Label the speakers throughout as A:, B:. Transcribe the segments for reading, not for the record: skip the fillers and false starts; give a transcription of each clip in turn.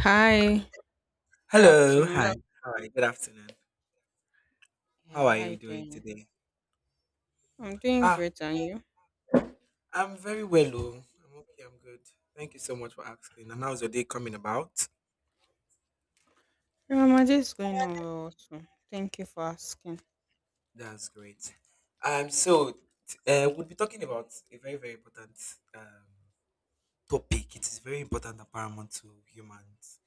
A: Hi, good
B: Hello, hi,
A: afternoon.
B: hello. Hi, good afternoon. How
A: Yeah,
B: are you
A: hi
B: doing
A: there.
B: today?
A: I'm doing
B: Ah,
A: great, and you?
B: I'm very well, oh. I'm okay, I'm good. Thank you so much for asking. And how's your day coming about?
A: Yeah, my day is going on well also. Thank you for asking.
B: That's great. So we'll be talking about a very, very important um topic. It is very important and paramount to humans,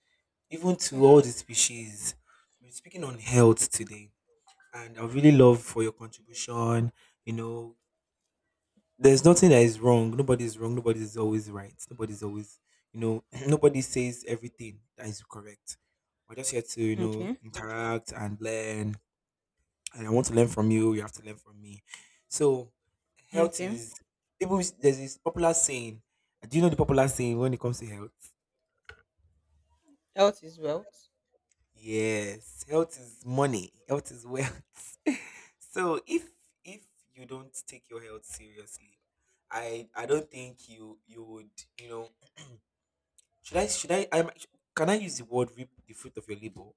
B: even to all
A: Okay,
B: the species. We're speaking on health today, and I would really love for your contribution. You know, there's nothing that is wrong. Nobody's wrong. Nobody's always right. Nobody's always, nobody says everything that is correct. We're just here to, you know,
A: okay,
B: interact and learn. And I want to learn from you. You have to learn from me. So, health
A: okay.
B: is There's this popular saying. Do you know the popular saying when it comes to health?
A: Health is wealth.
B: Yes, health is money. Health is wealth. So if you don't take your health seriously, I don't think you would you know. Should I? Should I? I'm. Can I use the word "reap the fruit of your labor"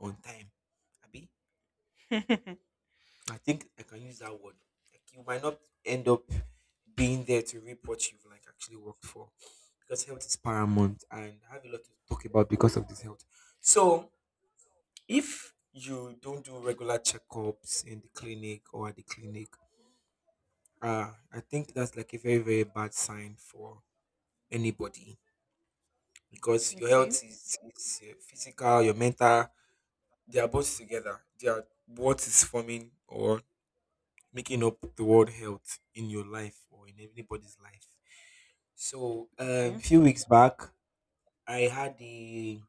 B: on time, Abby?
A: okay,
B: I think I can use that word. Like you might not end up being there to reap what you've like actually worked for, because health is paramount, and I have a lot to talk about because of this health. So if you don't do regular checkups in the clinic or at the clinic, I think that's like a very very bad sign for anybody because your health is, is physical, your mental. They are both together. They are what is forming or making up the word health in your life or in anybody's life. So a
A: okay.
B: few weeks back, I had the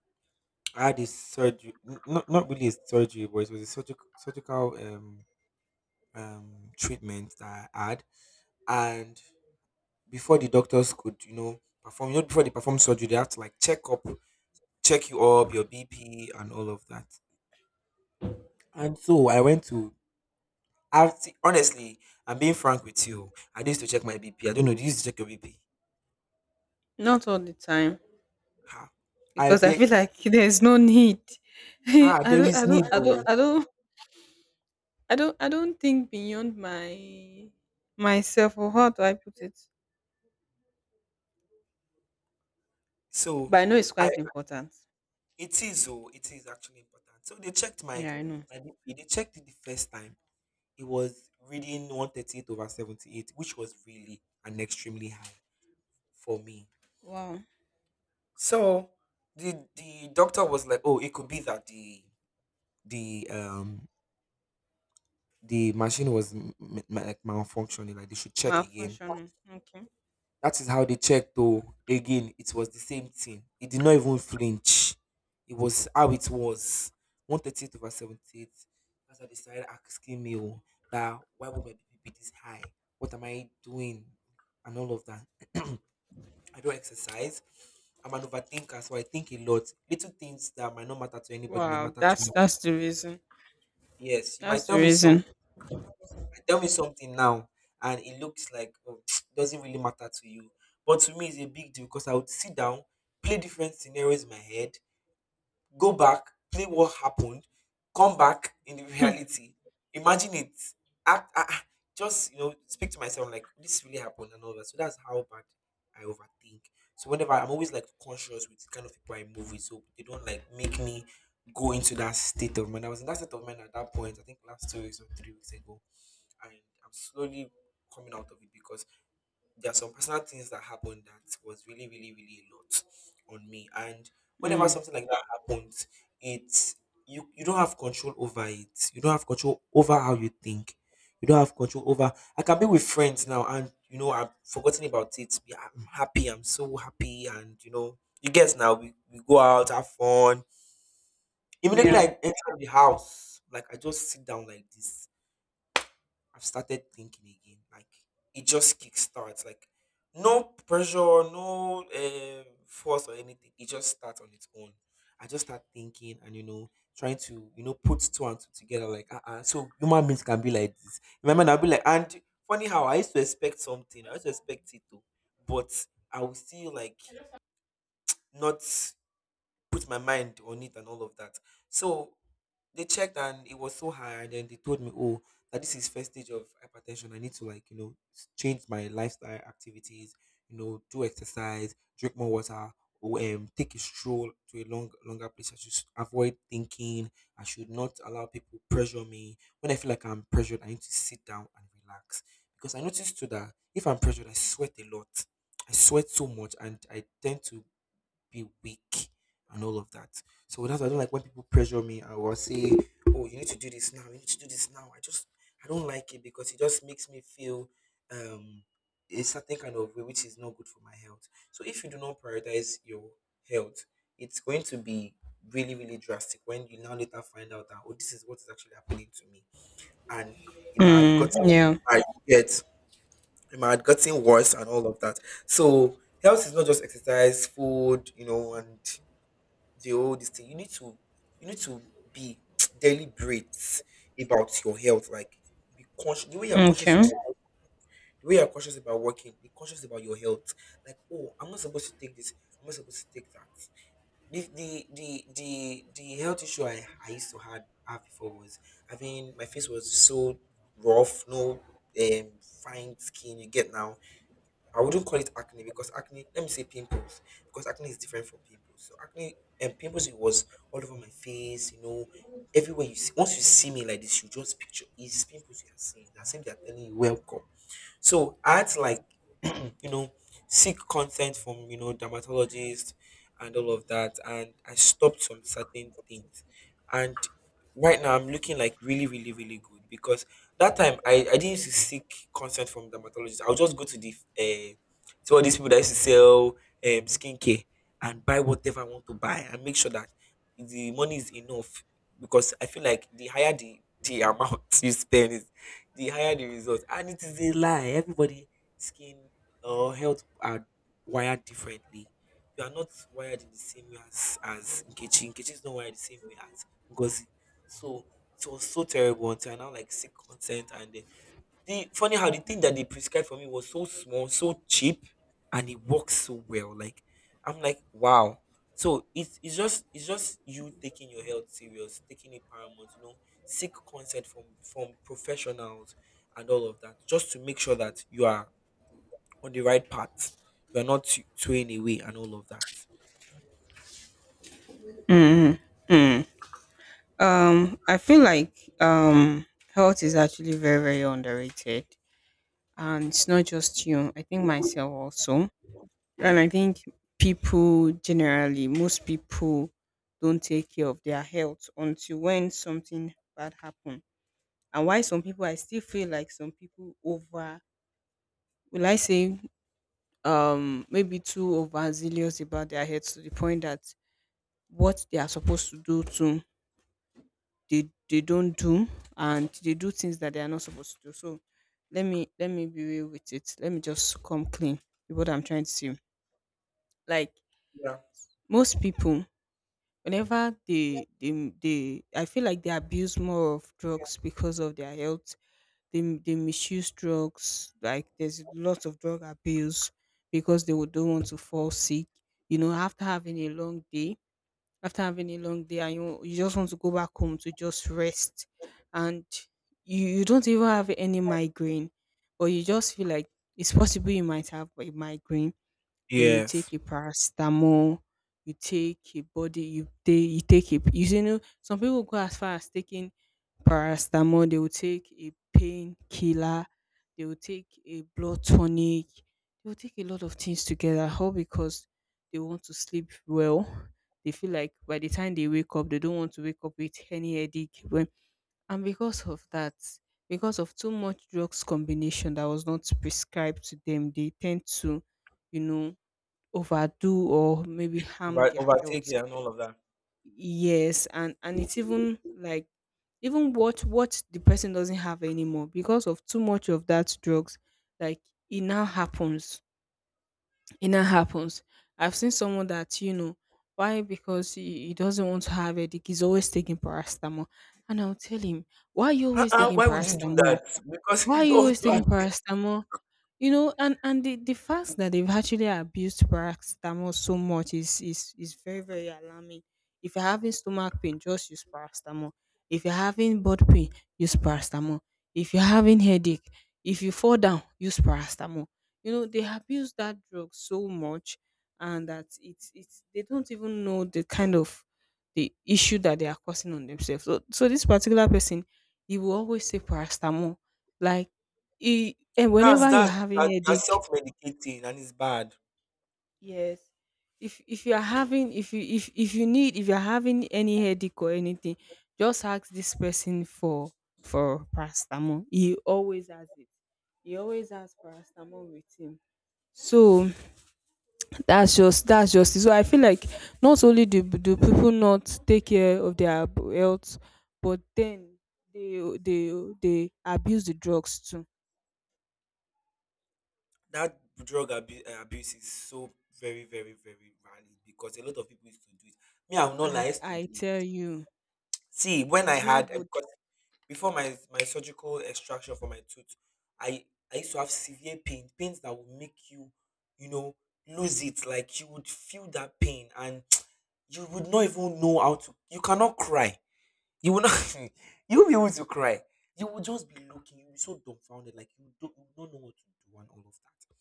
B: I had a surgery, not not really a surgery, but it was a surgical treatment that I had. And before the doctors could, you know, perform, you know, before they perform surgery, they have to like check up, check you up, your BP, and all of that. And so I went to honestly, I'm being frank with you. I need to check my BP. I don't know. Do you used to check your BP?
A: Not all the time
B: Ah, I
A: because I
B: bet.
A: feel like there's no need. I
B: Ah, there
A: don't,
B: is
A: I
B: need
A: don't, I don't,
B: though.
A: I don't, I don't, I don't think beyond my myself, or how do I put it?
B: So
A: But I know it's
B: I
A: quite important.
B: it is oh, it is actually important. So they checked my
A: Yeah, I know.
B: my BP. They checked it the first time. It was reading 138 over 78, which was really an extremely high for me.
A: Wow,
B: So the doctor was like, oh, it could be that the um the machine was like malfunctioning. Like they should check again.
A: malfunctioning. Okay.
B: That is how they checked, though. Again, it was the same thing. He did not even flinch. It was how it was. 138 over 78. That's how they started asking me, oh, that why would my BP be this high? What am I doing? And all of that. I don't exercise. I'm an overthinker, so I think a lot. Little things that might not matter to anybody might
A: Wow,
B: matter to
A: that's
B: me.
A: that's the reason.
B: Yes, you might
A: That's the reason.
B: tell me something now and it looks like, oh, doesn't really matter to you, but to me it's a big deal because I would sit down, play different scenarios in my head, go back, play what happened, come back in the reality, imagine it, act, ah, ah, just you know speak to myself like this really happened and all that. So that's how bad I overthink. So whenever I'm always like conscious with the kind of people I move with so they don't like make me go into that state of mind. I was in that state of mind at that point, I think, last 2 weeks or 3 weeks ago, and I'm slowly coming out of it because there are some personal things that happened that was really, really, really a lot on me. And whenever
A: Mm.
B: something like that happens, it's you don't have control over it. You don't have control over how you think. You don't have control over. I can be with friends now, and you know I've forgotten about it. Yeah, I'm happy. I'm so happy, and you know you guess now we go out, have fun. Immediately
A: Yeah.
B: I enter the house, like I just sit down like this, I've started thinking again. Like it just kickstarts. Like no pressure, no force or anything. It just starts on its own. I just start thinking and you know trying to you know put two and two together. Like so human beings can be like this. Remember, I'll be like, and funny how I used to expect something. I used to expect it to, but I will still like not put my mind on it and all of that. So they checked and it was so high, and then they told me, oh, that this is first stage of hypertension. I need to like you know change my lifestyle activities, you know, do exercise, drink more water, or, take a stroll to a longer place. I should avoid thinking. I should not allow people pressure me. When I feel like I'm pressured, I need to sit down and relax because I noticed too that if I'm pressured, I sweat a lot. I sweat so much, and I tend to be weak and all of that. So that's why I don't like when people pressure me. I will say, oh, you need to do this now, you need to do this now. I just, I don't like it because it just makes me feel um a certain kind of way which is not good for my health. So if you do not prioritize your health, it's going to be really, really drastic when you now later find out that, oh, this is what is actually happening to me. And it might have
A: Mm.
B: gotten
A: Yeah.
B: I get it might have gotten worse and all of that. So health is not just exercise, food, you know, and the whole this thing. You need to be deliberate about your health. Like be conscious
A: Okay.
B: the way you're conscious about working, be conscious about your health. Like, oh, I'm not supposed to take this, I'm not supposed to take that. The health issue I used to had have before was having my face was so rough, no um fine skin you get. Now I wouldn't call it acne, because acne, let me say pimples, because acne is different from pimples. So acne and pimples it was all over my face, you know, everywhere you see. Once you see me like this, you just picture it's pimples you are seeing. As if they are telling you welcome. So I had to like, you know, seek consent from, you know, dermatologists and all of that. And I stopped some certain things. And right now I'm looking like really, really, really good because that time I didn't used to seek consent from dermatologists. I will just go to the uh, to all these people that used to sell um skincare and buy whatever I want to buy and make sure that the money is enough because I feel like the higher the amount you spend is the higher the result. And it is a lie. Everybody skin or health are wired differently. You are not wired in the same way as Nkechi. Nkechi is not wired the same way as Ngozi. So it was so terrible until I now like seek consent, and then the funny how the thing that they prescribed for me was so small, so cheap, and it works so well. Like I'm like, wow. So it's just you taking your health serious, taking it paramount, you know, seek consent from professionals and all of that, just to make sure that you are on the right path. You are not swaying away and all of that.
A: Mm. Mm. I feel like um health is actually very very underrated, and it's not just you. I think myself also, and I think people generally, most people don't take care of their health until when something bad happen. And why some people, I still feel like some people over, will I say, maybe too overzealous about their heads to the point that what they are supposed to do to they don't do, and they do things that they are not supposed to do. So let me be real with it, let me just come clean with what I'm trying to say. Like,
B: Yeah.
A: most people, whenever they I feel like they abuse more of drugs because of their health. They misuse drugs, like there's lots of drug abuse because they would don't want to fall sick, you know, after having a long day after having a long day. And you just want to go back home to just rest, and you don't even have any migraine, but you just feel like it's possible you might have a migraine. Then you
B: Yes.
A: take a paracetamol, you take a body, you take a you see, you know, some people go as far as taking paracetamol, they will take a painkiller, they will take a blood tonic, they will take a lot of things together, all because they want to sleep well. They feel like by the time they wake up, they don't want to wake up with any headache. When, and because of that, because of too much drugs combination that was not prescribed to them, they tend to, you know, overdo or maybe harm
B: Over,
A: their
B: overtake
A: health.
B: it and all of that.
A: Yes, and it's even like, even what the person doesn't have anymore because of too much of that drugs. Like, it now happens it now happens. I've seen someone that, you know, why, because he doesn't want to have headache, he's always taking paracetamol. And I'll tell him, why are you always
B: Uh-uh,
A: taking
B: why would you do
A: paracetamol?
B: that? Because
A: Why are
B: you
A: you
B: don't.
A: always taking paracetamol? You know, and the fact that they've actually abused paracetamol so much is very very alarming. If you're having stomach pain, just use paracetamol. If you're having butt pain, use paracetamol. If you're having headache, if you fall down, use paracetamol. You know, they abuse that drug so much, and that it's they don't even know the kind of the issue that they are causing on themselves. So so this particular person, he will always take paracetamol like e and whenever you're
B: That's
A: having
B: you're
A: headache,
B: self-medicating and it's bad.
A: yes. If you are having, if you need, if you're having any headache or anything, just ask this person for paracetamol. He always has it. He always has paracetamol with him. So that's just, that's just it. So I feel like not only do people not take care of their health, but then they they they abuse the drugs too.
B: That drug abuse is so very, very, very valid because a lot of people used to do it. Me, I'm not like I used to
A: I
B: do it.
A: tell you.
B: See, when
A: And
B: I
A: it's not
B: had
A: good.
B: because before my surgical extraction for my tooth, I I used to have severe pain, pains that would make you, you know, lose it. Like you would feel that pain and you would not even know how to. You cannot cry. You will not you will be able to cry. You will just be looking, you'll be so dumbfounded, like you don't know what to do and all of that.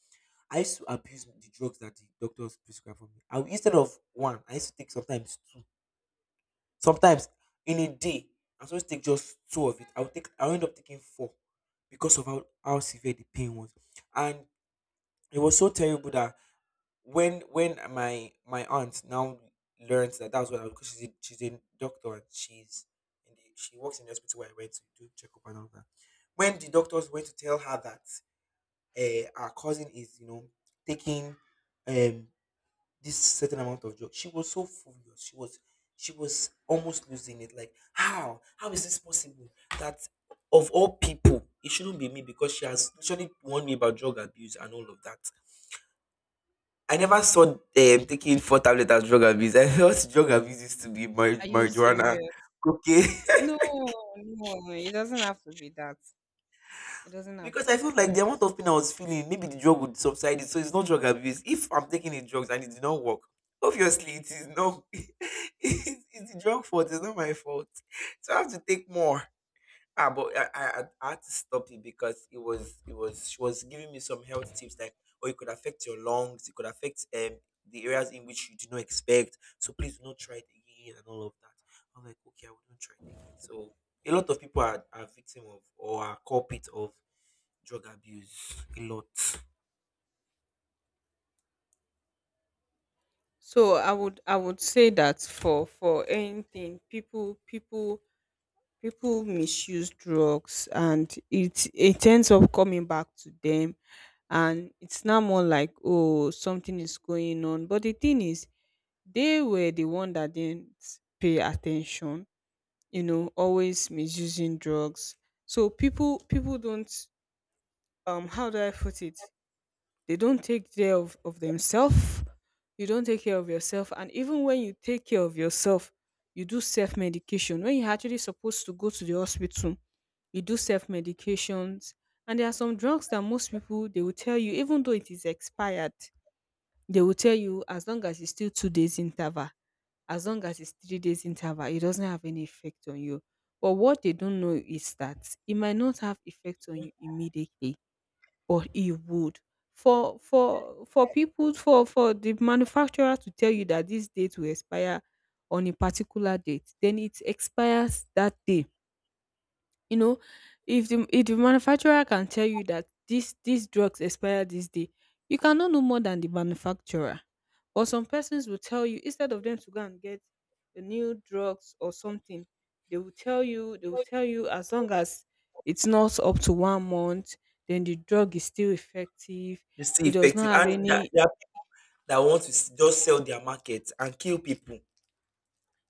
B: I used to abuse the drugs that the doctors prescribe for me. Instead of one, I used to take sometimes two. Sometimes in a day, I was supposed to take just two of it. I would take I end up taking four because of how severe the pain was. And it was so terrible that when my aunt now learns that that's what I was, because she's a doctor and she's in the, she works in the hospital where I went to do checkup and all that. When the doctors went to tell her that our cousin is taking um this certain amount of drugs, she was so furious. She was almost losing it. Like how is this possible that, of all people, it shouldn't be me, because she has literally warned me about drug abuse and all of that. I never saw taking four tablets as drug abuse. I thought drug abuse used to be
A: Are you
B: marijuana,
A: serious?
B: cocaine.
A: No, no, it doesn't have to be that. It doesn't have to
B: Because I
A: be
B: felt like
A: that.
B: the amount of pain I was feeling, maybe the drug would subside it. So it's not drug abuse. If I'm taking the drugs and it did not work, obviously it is not. It's the drug fault. It's not my fault. So I have to take more. Ah, but I had to stop it because it was she was giving me some health tips, like, oh, it could affect your lungs, it could affect the areas in which you do not expect. So please do not try it again and all of that. I'm like, okay, I wouldn't try it again. So a lot of people are victim of, or are culprit of, drug abuse. A lot.
A: So I would, I would say that for anything, people misuse drugs, and it ends up coming back to them, and it's now more like, oh, something is going on. But the thing is, they were the one that didn't pay attention, you know, always misusing drugs. So people don't, how do I put it? They don't take care of themselves. You don't take care of yourself. And even when you take care of yourself, you do self medication. When you're actually supposed to go to the hospital, you do self medications. And there are some drugs that most people, they will tell you, even though it is expired, they will tell you as long as it's still 2 days interval, as long as it's 3 days interval, it doesn't have any effect on you. But what they don't know is that it might not have effect on you immediately, but it would. For people for the manufacturer to tell you that this date will expire on a particular date, then it expires that day. You know, if the, if the manufacturer can tell you that this these drugs expire this day, you cannot know more than the manufacturer. But some persons will tell you, instead of them to go and get the new drugs or something, they will tell you, as long as it's not up to one month, then the drug is still effective,
B: It's still
A: it does not
B: effective.
A: have
B: And that,
A: any,
B: that, that want to just sell their market and kill people.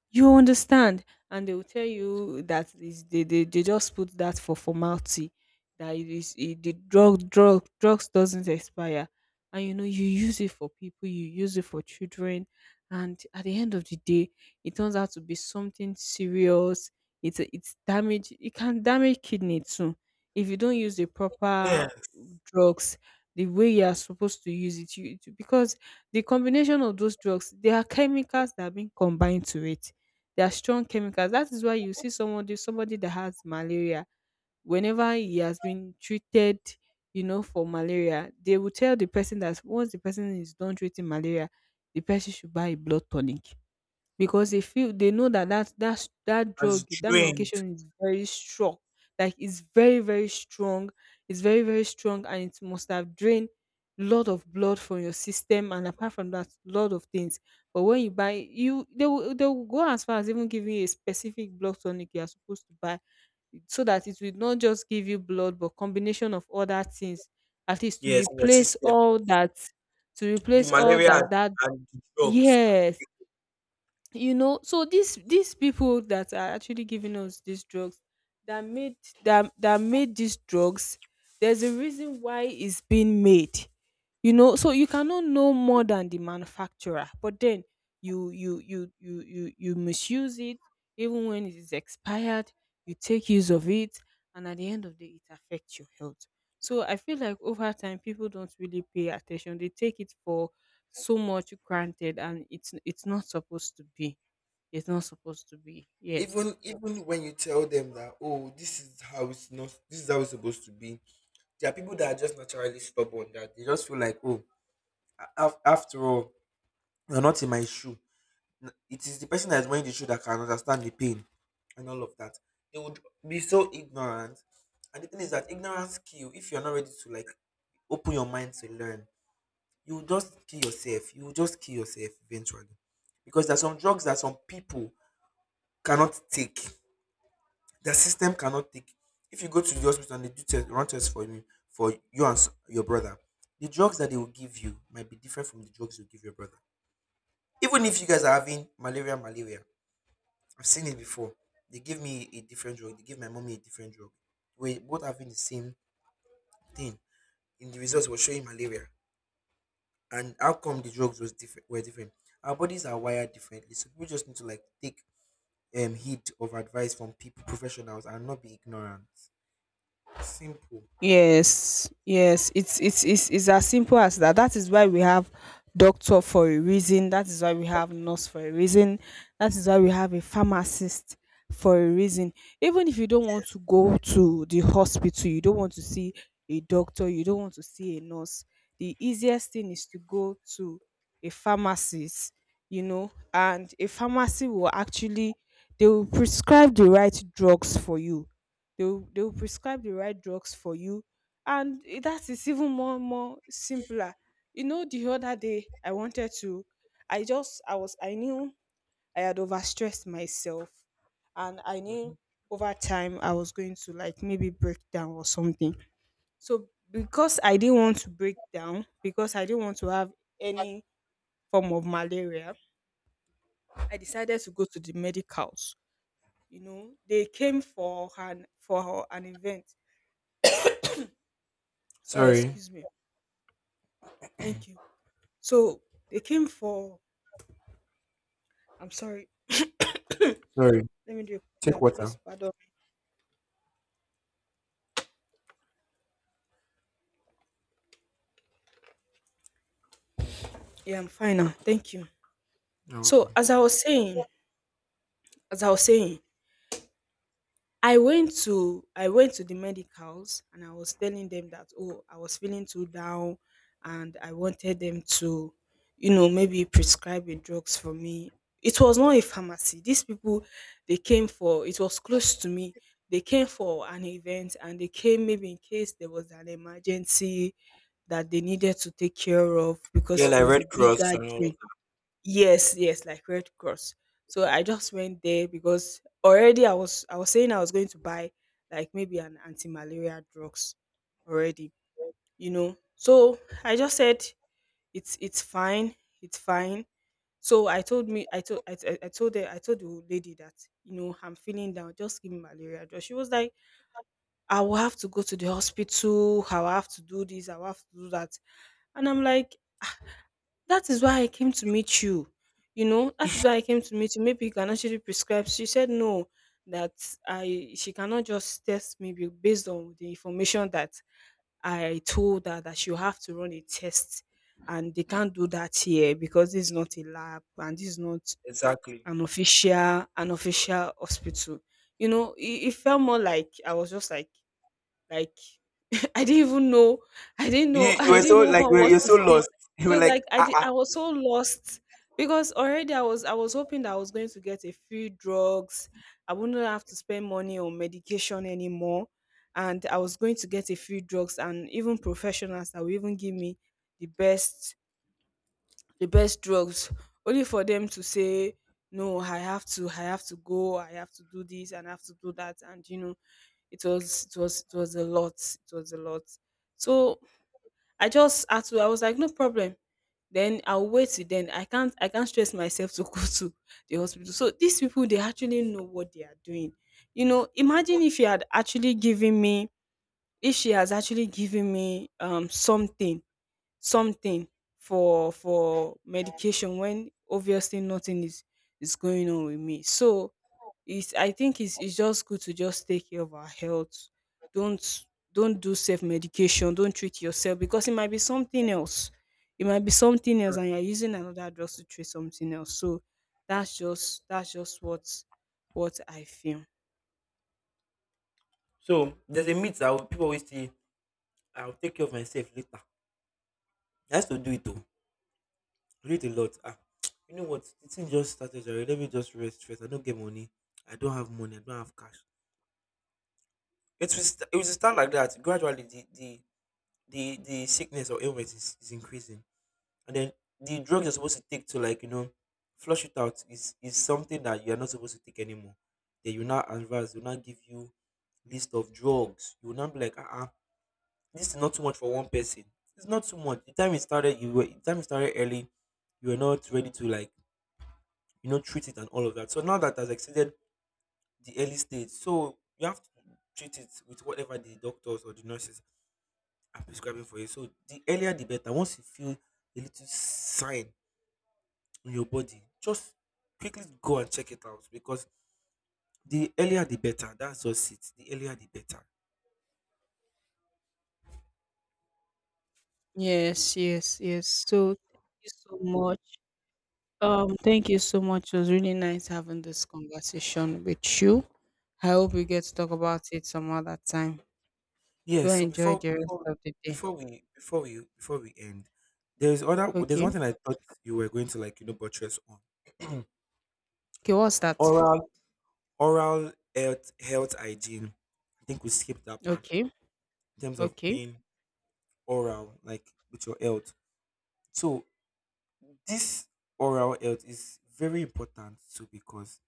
A: you understand. And they will tell you that is, they just put that for formality, that it is it, the drugs doesn't expire, and you know, you use it for people, you use it for children, and at the end of the day, it turns out to be something serious. It's damage, it can damage kidney too, if you don't use the
B: Yeah,
A: proper drugs the way you are supposed to use it. Because the combination of those drugs, there are chemicals that have been combined to it, they are strong chemicals. That is why you see somebody that has malaria, whenever he has been treated, you know, for malaria, they will tell the person that once the person is done treating malaria, the person should buy a blood tonic. Because they feel, they know that
B: has
A: drug, that
B: drained.
A: medication is very strong. Like, it's very, very strong. It's very, very strong, and it must have drained lot of blood from your system, and apart from that, lot of things. But when you buy, you, they will, they will go as far as even giving you a specific blood tonic you are supposed to buy, so that it will not just give you blood but combination of other things, at least to
B: Yes, in your
A: replace
B: system.
A: all that,
B: The malaria
A: that
B: and the drugs are
A: yes. You know, so these people that are actually giving us these drugs, that made that that made these drugs, there's a reason why it's being made. You know, so you cannot know more than the manufacturer, but then you misuse it, even when it is expired, you take use of it, and at the end of the day, it affects your health. So I feel like over time, people don't really pay attention, they take it for so much granted, and it's not supposed to be, yes.
B: even when you tell them that, oh, this is how it's not this is how it's supposed to be, there are people that are just naturally stubborn, that they just feel like, oh, after all, you're not in my shoe. It is the person that's wearing the shoe that can understand the pain and all of that. They would be so ignorant, and the thing is that ignorance kill. If you're not ready to like open your mind to learn, you will just kill yourself. You will just kill yourself eventually, because there are some drugs that some people cannot take. The system cannot take. If you go to the hospital and they do test, run tests for you and your brother, the drugs that they will give you might be different from the drugs you give your brother. Even if you guys are having malaria, I've seen it before. They give me a different drug. They give my mommy a different drug. We're both having the same thing. In the results, was showing malaria, and how come the drugs was different? Were different. Our bodies are wired differently, so people just need to like take heed of advice from people, professionals, and not be ignorant. Simple.
A: Yes, yes, it's as simple as that. That is why we have doctor for a reason. That is why we have nurse for a reason. That is why we have a pharmacist for a reason. Even if you don't want to go to the hospital, you don't want to see a doctor, you don't want to see a nurse. The easiest thing is to go to a pharmacist, you know, and a pharmacy will actually, they will prescribe the right drugs for you. They'll prescribe the right drugs for you, and that is even more simpler. You know, the other day I wanted to, I knew I had overstressed myself, and I knew over time I was going to like maybe break down or something. So because I didn't want to break down, because I didn't want to have any form of malaria, I decided to go to the medicals. You know, they came for an event. Sorry,
B: Sorry,
A: excuse me. Thank you. So they came for. I'm sorry.
B: sorry.
A: Let me do
B: Take
A: that, please.
B: water.
A: Pardon me. Yeah, I'm fine now. Thank you.
B: You're
A: So
B: welcome.
A: as I was saying, as I was saying, I went to the medicals, and I was telling them that, "Oh, I was feeling too down, and I wanted them to, you know, maybe prescribe a drugs for me." It was not a pharmacy. These people, they came for, it was close to me. They came for an event, and they came maybe in case there was an emergency that they needed to take care of because
B: Yeah,
A: it
B: like
A: was
B: Red
A: a big
B: Cross and all of
A: gathering. Yes, yes, like Red Cross. So I just went there because already I was saying I was going to buy like maybe an anti-malaria drugs already, So I just said it's fine, it's fine. So I told me I told her I told the lady that I'm feeling down, just give me malaria drug. She was like I will have to go to the hospital. I will have to do this. I will have to do that. And I'm like, "Ah, that is why I came to meet you. That is why I came to meet you. Maybe you can actually prescribe." She said no, that I she cannot just test me based on the information that I told her, that she'll have to run a test, and they can't do that here because this is not a lab and this is not
B: that. Exactly.
A: an official hospital. You know, it felt more like I was just like like I didn't even know. I didn't
B: You,
A: know.
B: you
A: I
B: were
A: didn't
B: so
A: know
B: like
A: what was
B: you're
A: to
B: so
A: say.
B: lost. You
A: It
B: were
A: was like
B: like, ah, ah.
A: I was so lost because already I was hoping that I was going to get a few drugs. I wouldn't have to spend money on medication anymore, and I was going to get a few drugs and even professionals that will even give me the best the best drugs, only for them to say no, I have to go, I have to do this, and I have to do that. And you know, it was it was a lot, it was a lot. So I just had to I was like, no problem, then I'll wait. Till then, I can't stress myself to go to the hospital. So these people, they actually know what they are doing. You know, imagine if you had actually given me, if she has actually given me something, something for medication when obviously nothing is going on with me. So it's I think it's just good to just take care of our health. don't don't do self medication, don't treat yourself because it might be something else, it might be something else and you're using another drug to treat something else. So that's just what I feel.
B: So there's a myth that people always say, I'll take care of myself later. I used to do it though. I do it a lot. Ah, you know what? The thing just started already. Let me just rest first. I don't get money. I don't have money. I don't have cash. It was start like that. Gradually, the sickness or illness is increasing, and then the drug you're supposed to take to like you know flush it out is something that you're not supposed to take anymore. Then you now advise, they will now give you list of drugs. You will now be like, ah, uh, this is not too much for one person. It's not too much. The time it started, you were the time it started early, you were not ready to like you know treat it and all of that. So now that has exceeded the early stage, so you have to treat it with whatever the doctors or the nurses are prescribing for you. So the earlier the better. Once you feel a little sign on your body, just quickly go and check it out, because the earlier the better. That's just it. The earlier the better.
A: Yes, yes, yes. So thank you so much. Thank you so much. It was really nice having this conversation with you. I hope we get to talk about it some other time. Do
B: Yes. So
A: enjoy
B: before
A: the rest
B: before
A: of the day.
B: before we before we before we end, there's one
A: Okay.
B: thing I thought you were going to like you know buttress on.
A: Okay, what's that?
B: oral oral health hygiene. I think we skipped that part,
A: Okay.
B: in terms of
A: Okay.
B: being oral, like, with your health. So this oral health is very important too, because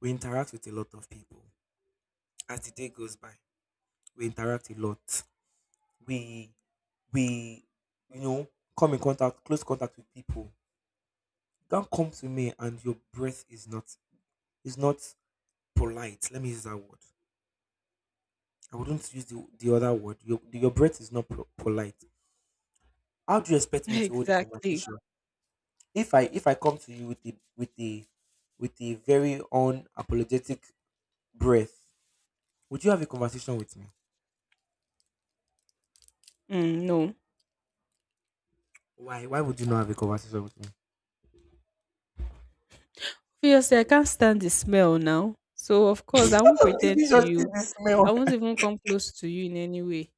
B: we interact with a lot of people as the day goes by. We interact a lot. We we You know, come in contact, close contact with people. You can't come to me and your breath is not polite. Let me use that word. I wouldn't use the other word. Your breath is not pro- polite. How do you expect me to hold the
A: Exactly.
B: conversation if I come to you with the with the with a very unapologetic breath? Would you have a conversation with me?
A: Mm, no.
B: Why? Why would you not have a conversation with me?
A: Obviously, I can't stand the smell now. So of course I won't
B: Did
A: pretend
B: you
A: to
B: just see
A: you.
B: the
A: I
B: smell?
A: won't even come close to you in any way.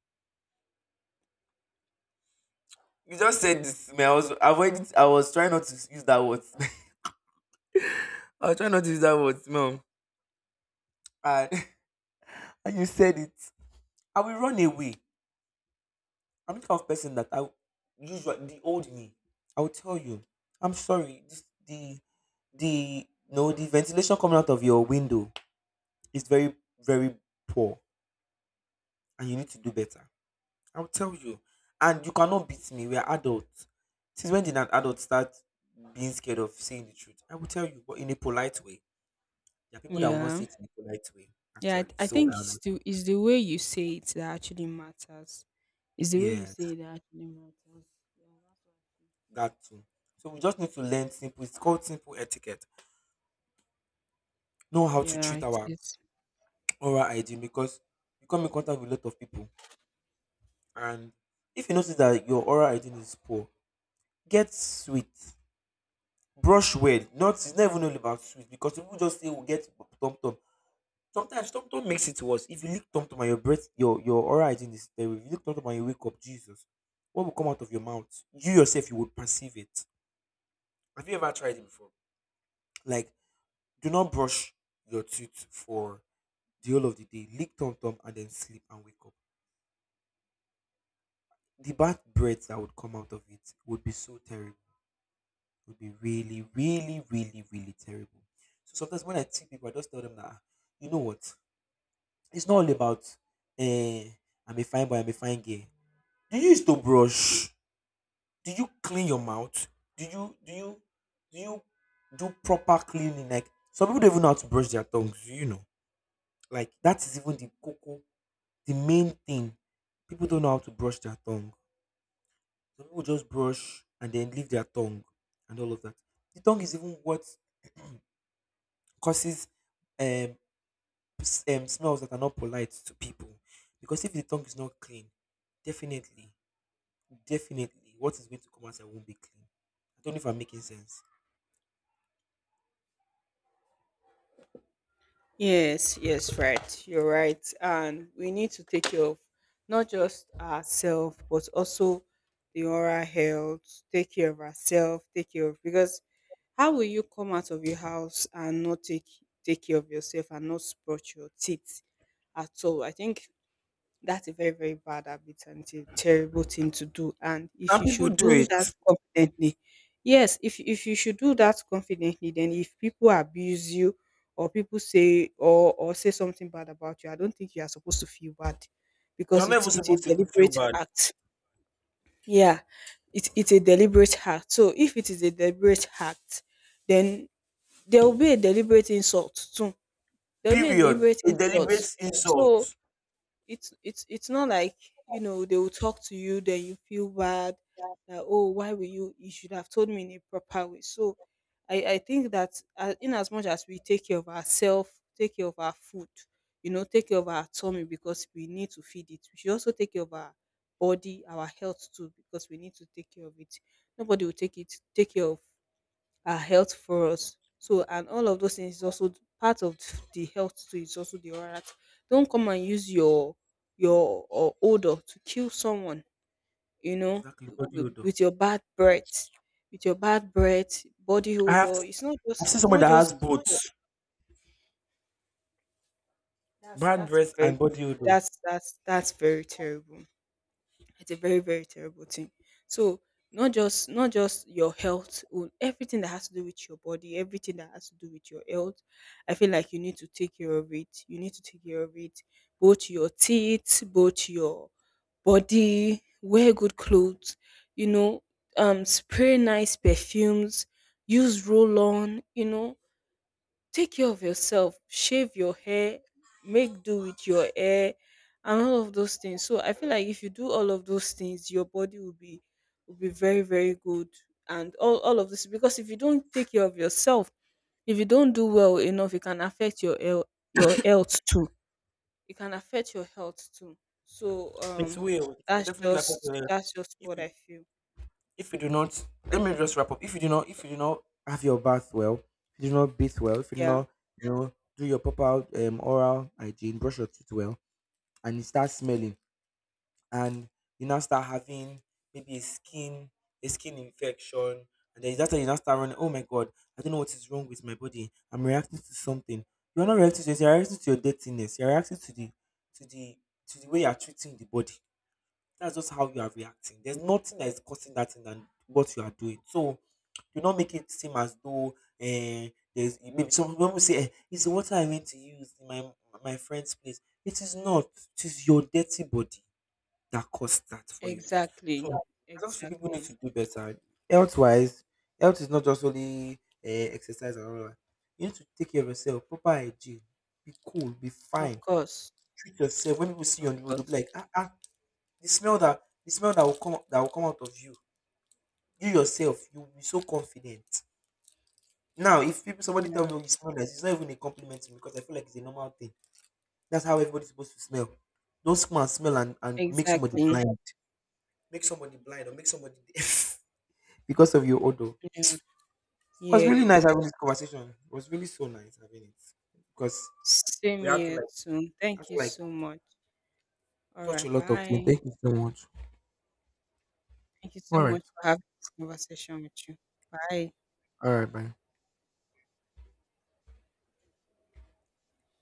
B: You just said this to me. I was avoiding. I was trying not to use that word. I was trying not to use that word, mom. And and you said it. I will run away. I'm the kind of person that I usually the old me. I will tell you. I'm sorry. The no the ventilation coming out of your window is very, very poor, and you need to do better. I will tell you. And you cannot beat me. We are adults. Since when did an adult start being scared of saying the truth? I will tell you, but in a polite way. There are people that will not say
A: Yeah.
B: it in the polite way,
A: Yeah,
B: actually.
A: I
B: So
A: think it's the way you say it that actually matters. It's the way you say
B: Yes,
A: it that actually matters. Yeah, that's.
B: that too. So we just need to learn simple. It's called simple etiquette. Know how to
A: Yeah,
B: treat
A: it
B: our
A: is.
B: oral hygiene, because you come in contact with a lot of people, and if you notice that your oral hygiene is poor, get sweet, brush well. Not it's not even all about sweet, because people just say we get tom tom. Sometimes tom tom makes it worse. If you lick tom tom and your breath, your oral hygiene is terrible. If you lick tom tom and you wake up, Jesus, what will come out of your mouth? You yourself, you will perceive it. Have you ever tried it before? Like, do not brush your teeth for the whole of the day. Lick tom tom and then sleep and wake up. The bad breath that would come out of it would be so terrible. Would be really, really, really, really terrible. So sometimes when I see people, I just tell them that, "Ah, you know what? It's not all about, eh, I'm a fine boy, I'm a fine girl. Do you used to brush? Do you clean your mouth? Do you do you do you do proper cleaning? Like some people don't even know how to brush their tongues, you know. Like that is even the cocoa, the main thing. People don't know how to brush their tongue. Some people just brush and then leave their tongue and all of that. The tongue is even what causes um, smells that are not polite to people. Because if the tongue is not clean, definitely, definitely, what is going to come outside won't be clean. I don't know if I'm making sense.
A: Yes, yes, right. You're right. And we need to take care of not just ourselves, but also the oral health, take care of ourselves, take care of, because how will you come out of your house and not take care of yourself and not brush your teeth at all? I think that's a very, very bad habit and it's a terrible thing to do. And if
B: And
A: you
B: people
A: should
B: do
A: do
B: it.
A: that confidently, yes, if you should do that confidently, then if people abuse you or people say or say something bad about you, I don't think you are supposed to feel bad
B: They're
A: because
B: not even
A: it's a
B: supposed to even feel
A: deliberate
B: bad.
A: act. Yeah, it's a deliberate act. So if it is a deliberate act, then there will be a deliberate insult too. There will be a
B: Period.
A: deliberate
B: A deliberate
A: insult. So
B: insult.
A: it's it's not like you know they will talk to you then you feel bad that, oh, why were you, you should have told me in a proper way. So I think that in as much as we take care of ourselves, take care of our food, you know, take care of our tummy because we need to feed it, we should also take care of our body, our health too, because we need to take care of it. Nobody will take care of our health for us. So, and all of those things is also part of the health too, is also the oral act. Don't come and use your or odor to kill someone, you know,
B: Exactly. Body odor.
A: with your bad breath, with your bad breath, body
B: I have
A: odor. It's not
B: I've
A: just,
B: seen
A: it's
B: someone
A: not
B: that has
A: just,
B: both.
A: oh, that's
B: Brand
A: that's
B: breath
A: very
B: and body odor.
A: that's very terrible. It's a very, very terrible thing. So not just, not just your health own, everything that has to do with your body, everything that has to do with your health, I feel like you need to take care of it, you need to take care of it. Both your teeth, both your body, wear good clothes, you know, spray nice perfumes, use roll on, you know, take care of yourself, shave your hair, make do with your hair, and all of those things. So I feel like if you do all of those things, your body will be, will be very, very good. And all of this, because if you don't take care of yourself, if you don't do well enough, it can affect your health, your health too, it can affect your health too. So
B: It will. It will
A: that's
B: definitely affect your
A: just,
B: health.
A: that's just
B: If
A: what I
B: you
A: feel.
B: do not, let me just wrap up. If you do not, if you do not have your bath well, if you do not bathe well, if you do
A: Yeah,
B: not, you know, do your proper oral hygiene, brush your teeth well, and you start smelling, and you now start having maybe a skin infection, and then that's how you now start running, oh my god, I don't know what is wrong with my body. I'm reacting to something. You're not reacting to this, you're reacting to your dirtiness, you're reacting to to the the way you're treating the body. That's just how you are reacting. There's nothing that is causing that thing than what you are doing. So do not make it seem as though, eh, there's maybe some people say, eh, it's the water I went to use in my my friend's place. It is not. It is your dirty body that caused that for you. So
A: exactly.
B: I just feel people need
A: Exactly.
B: to do better. Health wise, health is not just only, exercise and all that. You need to take care of yourself, proper hygiene, be cool, be
A: Of
B: fine,
A: course.
B: treat yourself. When people see you
A: Of
B: on the road, they'll be
A: course.
B: like, ah, ah, the smell that will come out of you, you yourself, you will be so confident. Now, if people somebody tell
A: Yeah.
B: me, "Oh, you smell nice," it's not even a compliment to me, because I feel like it's a normal thing. That's how everybody's supposed to smell. Don't smell and smell and make somebody
A: Exactly.
B: blind. Make somebody blind or make somebody deaf because of your odor.
A: Yeah.
B: It was really
A: Yeah.
B: nice having this conversation. It was really so nice having it. Because
A: Same
B: we have to
A: here
B: like
A: too.
B: have
A: Thank
B: to
A: you
B: like
A: so much. All
B: touch
A: right.
B: a lot of things.
A: Bye.
B: Thank you so much.
A: Thank you so
B: All
A: much
B: right.
A: for having this conversation with you. Bye.
B: All right, bye.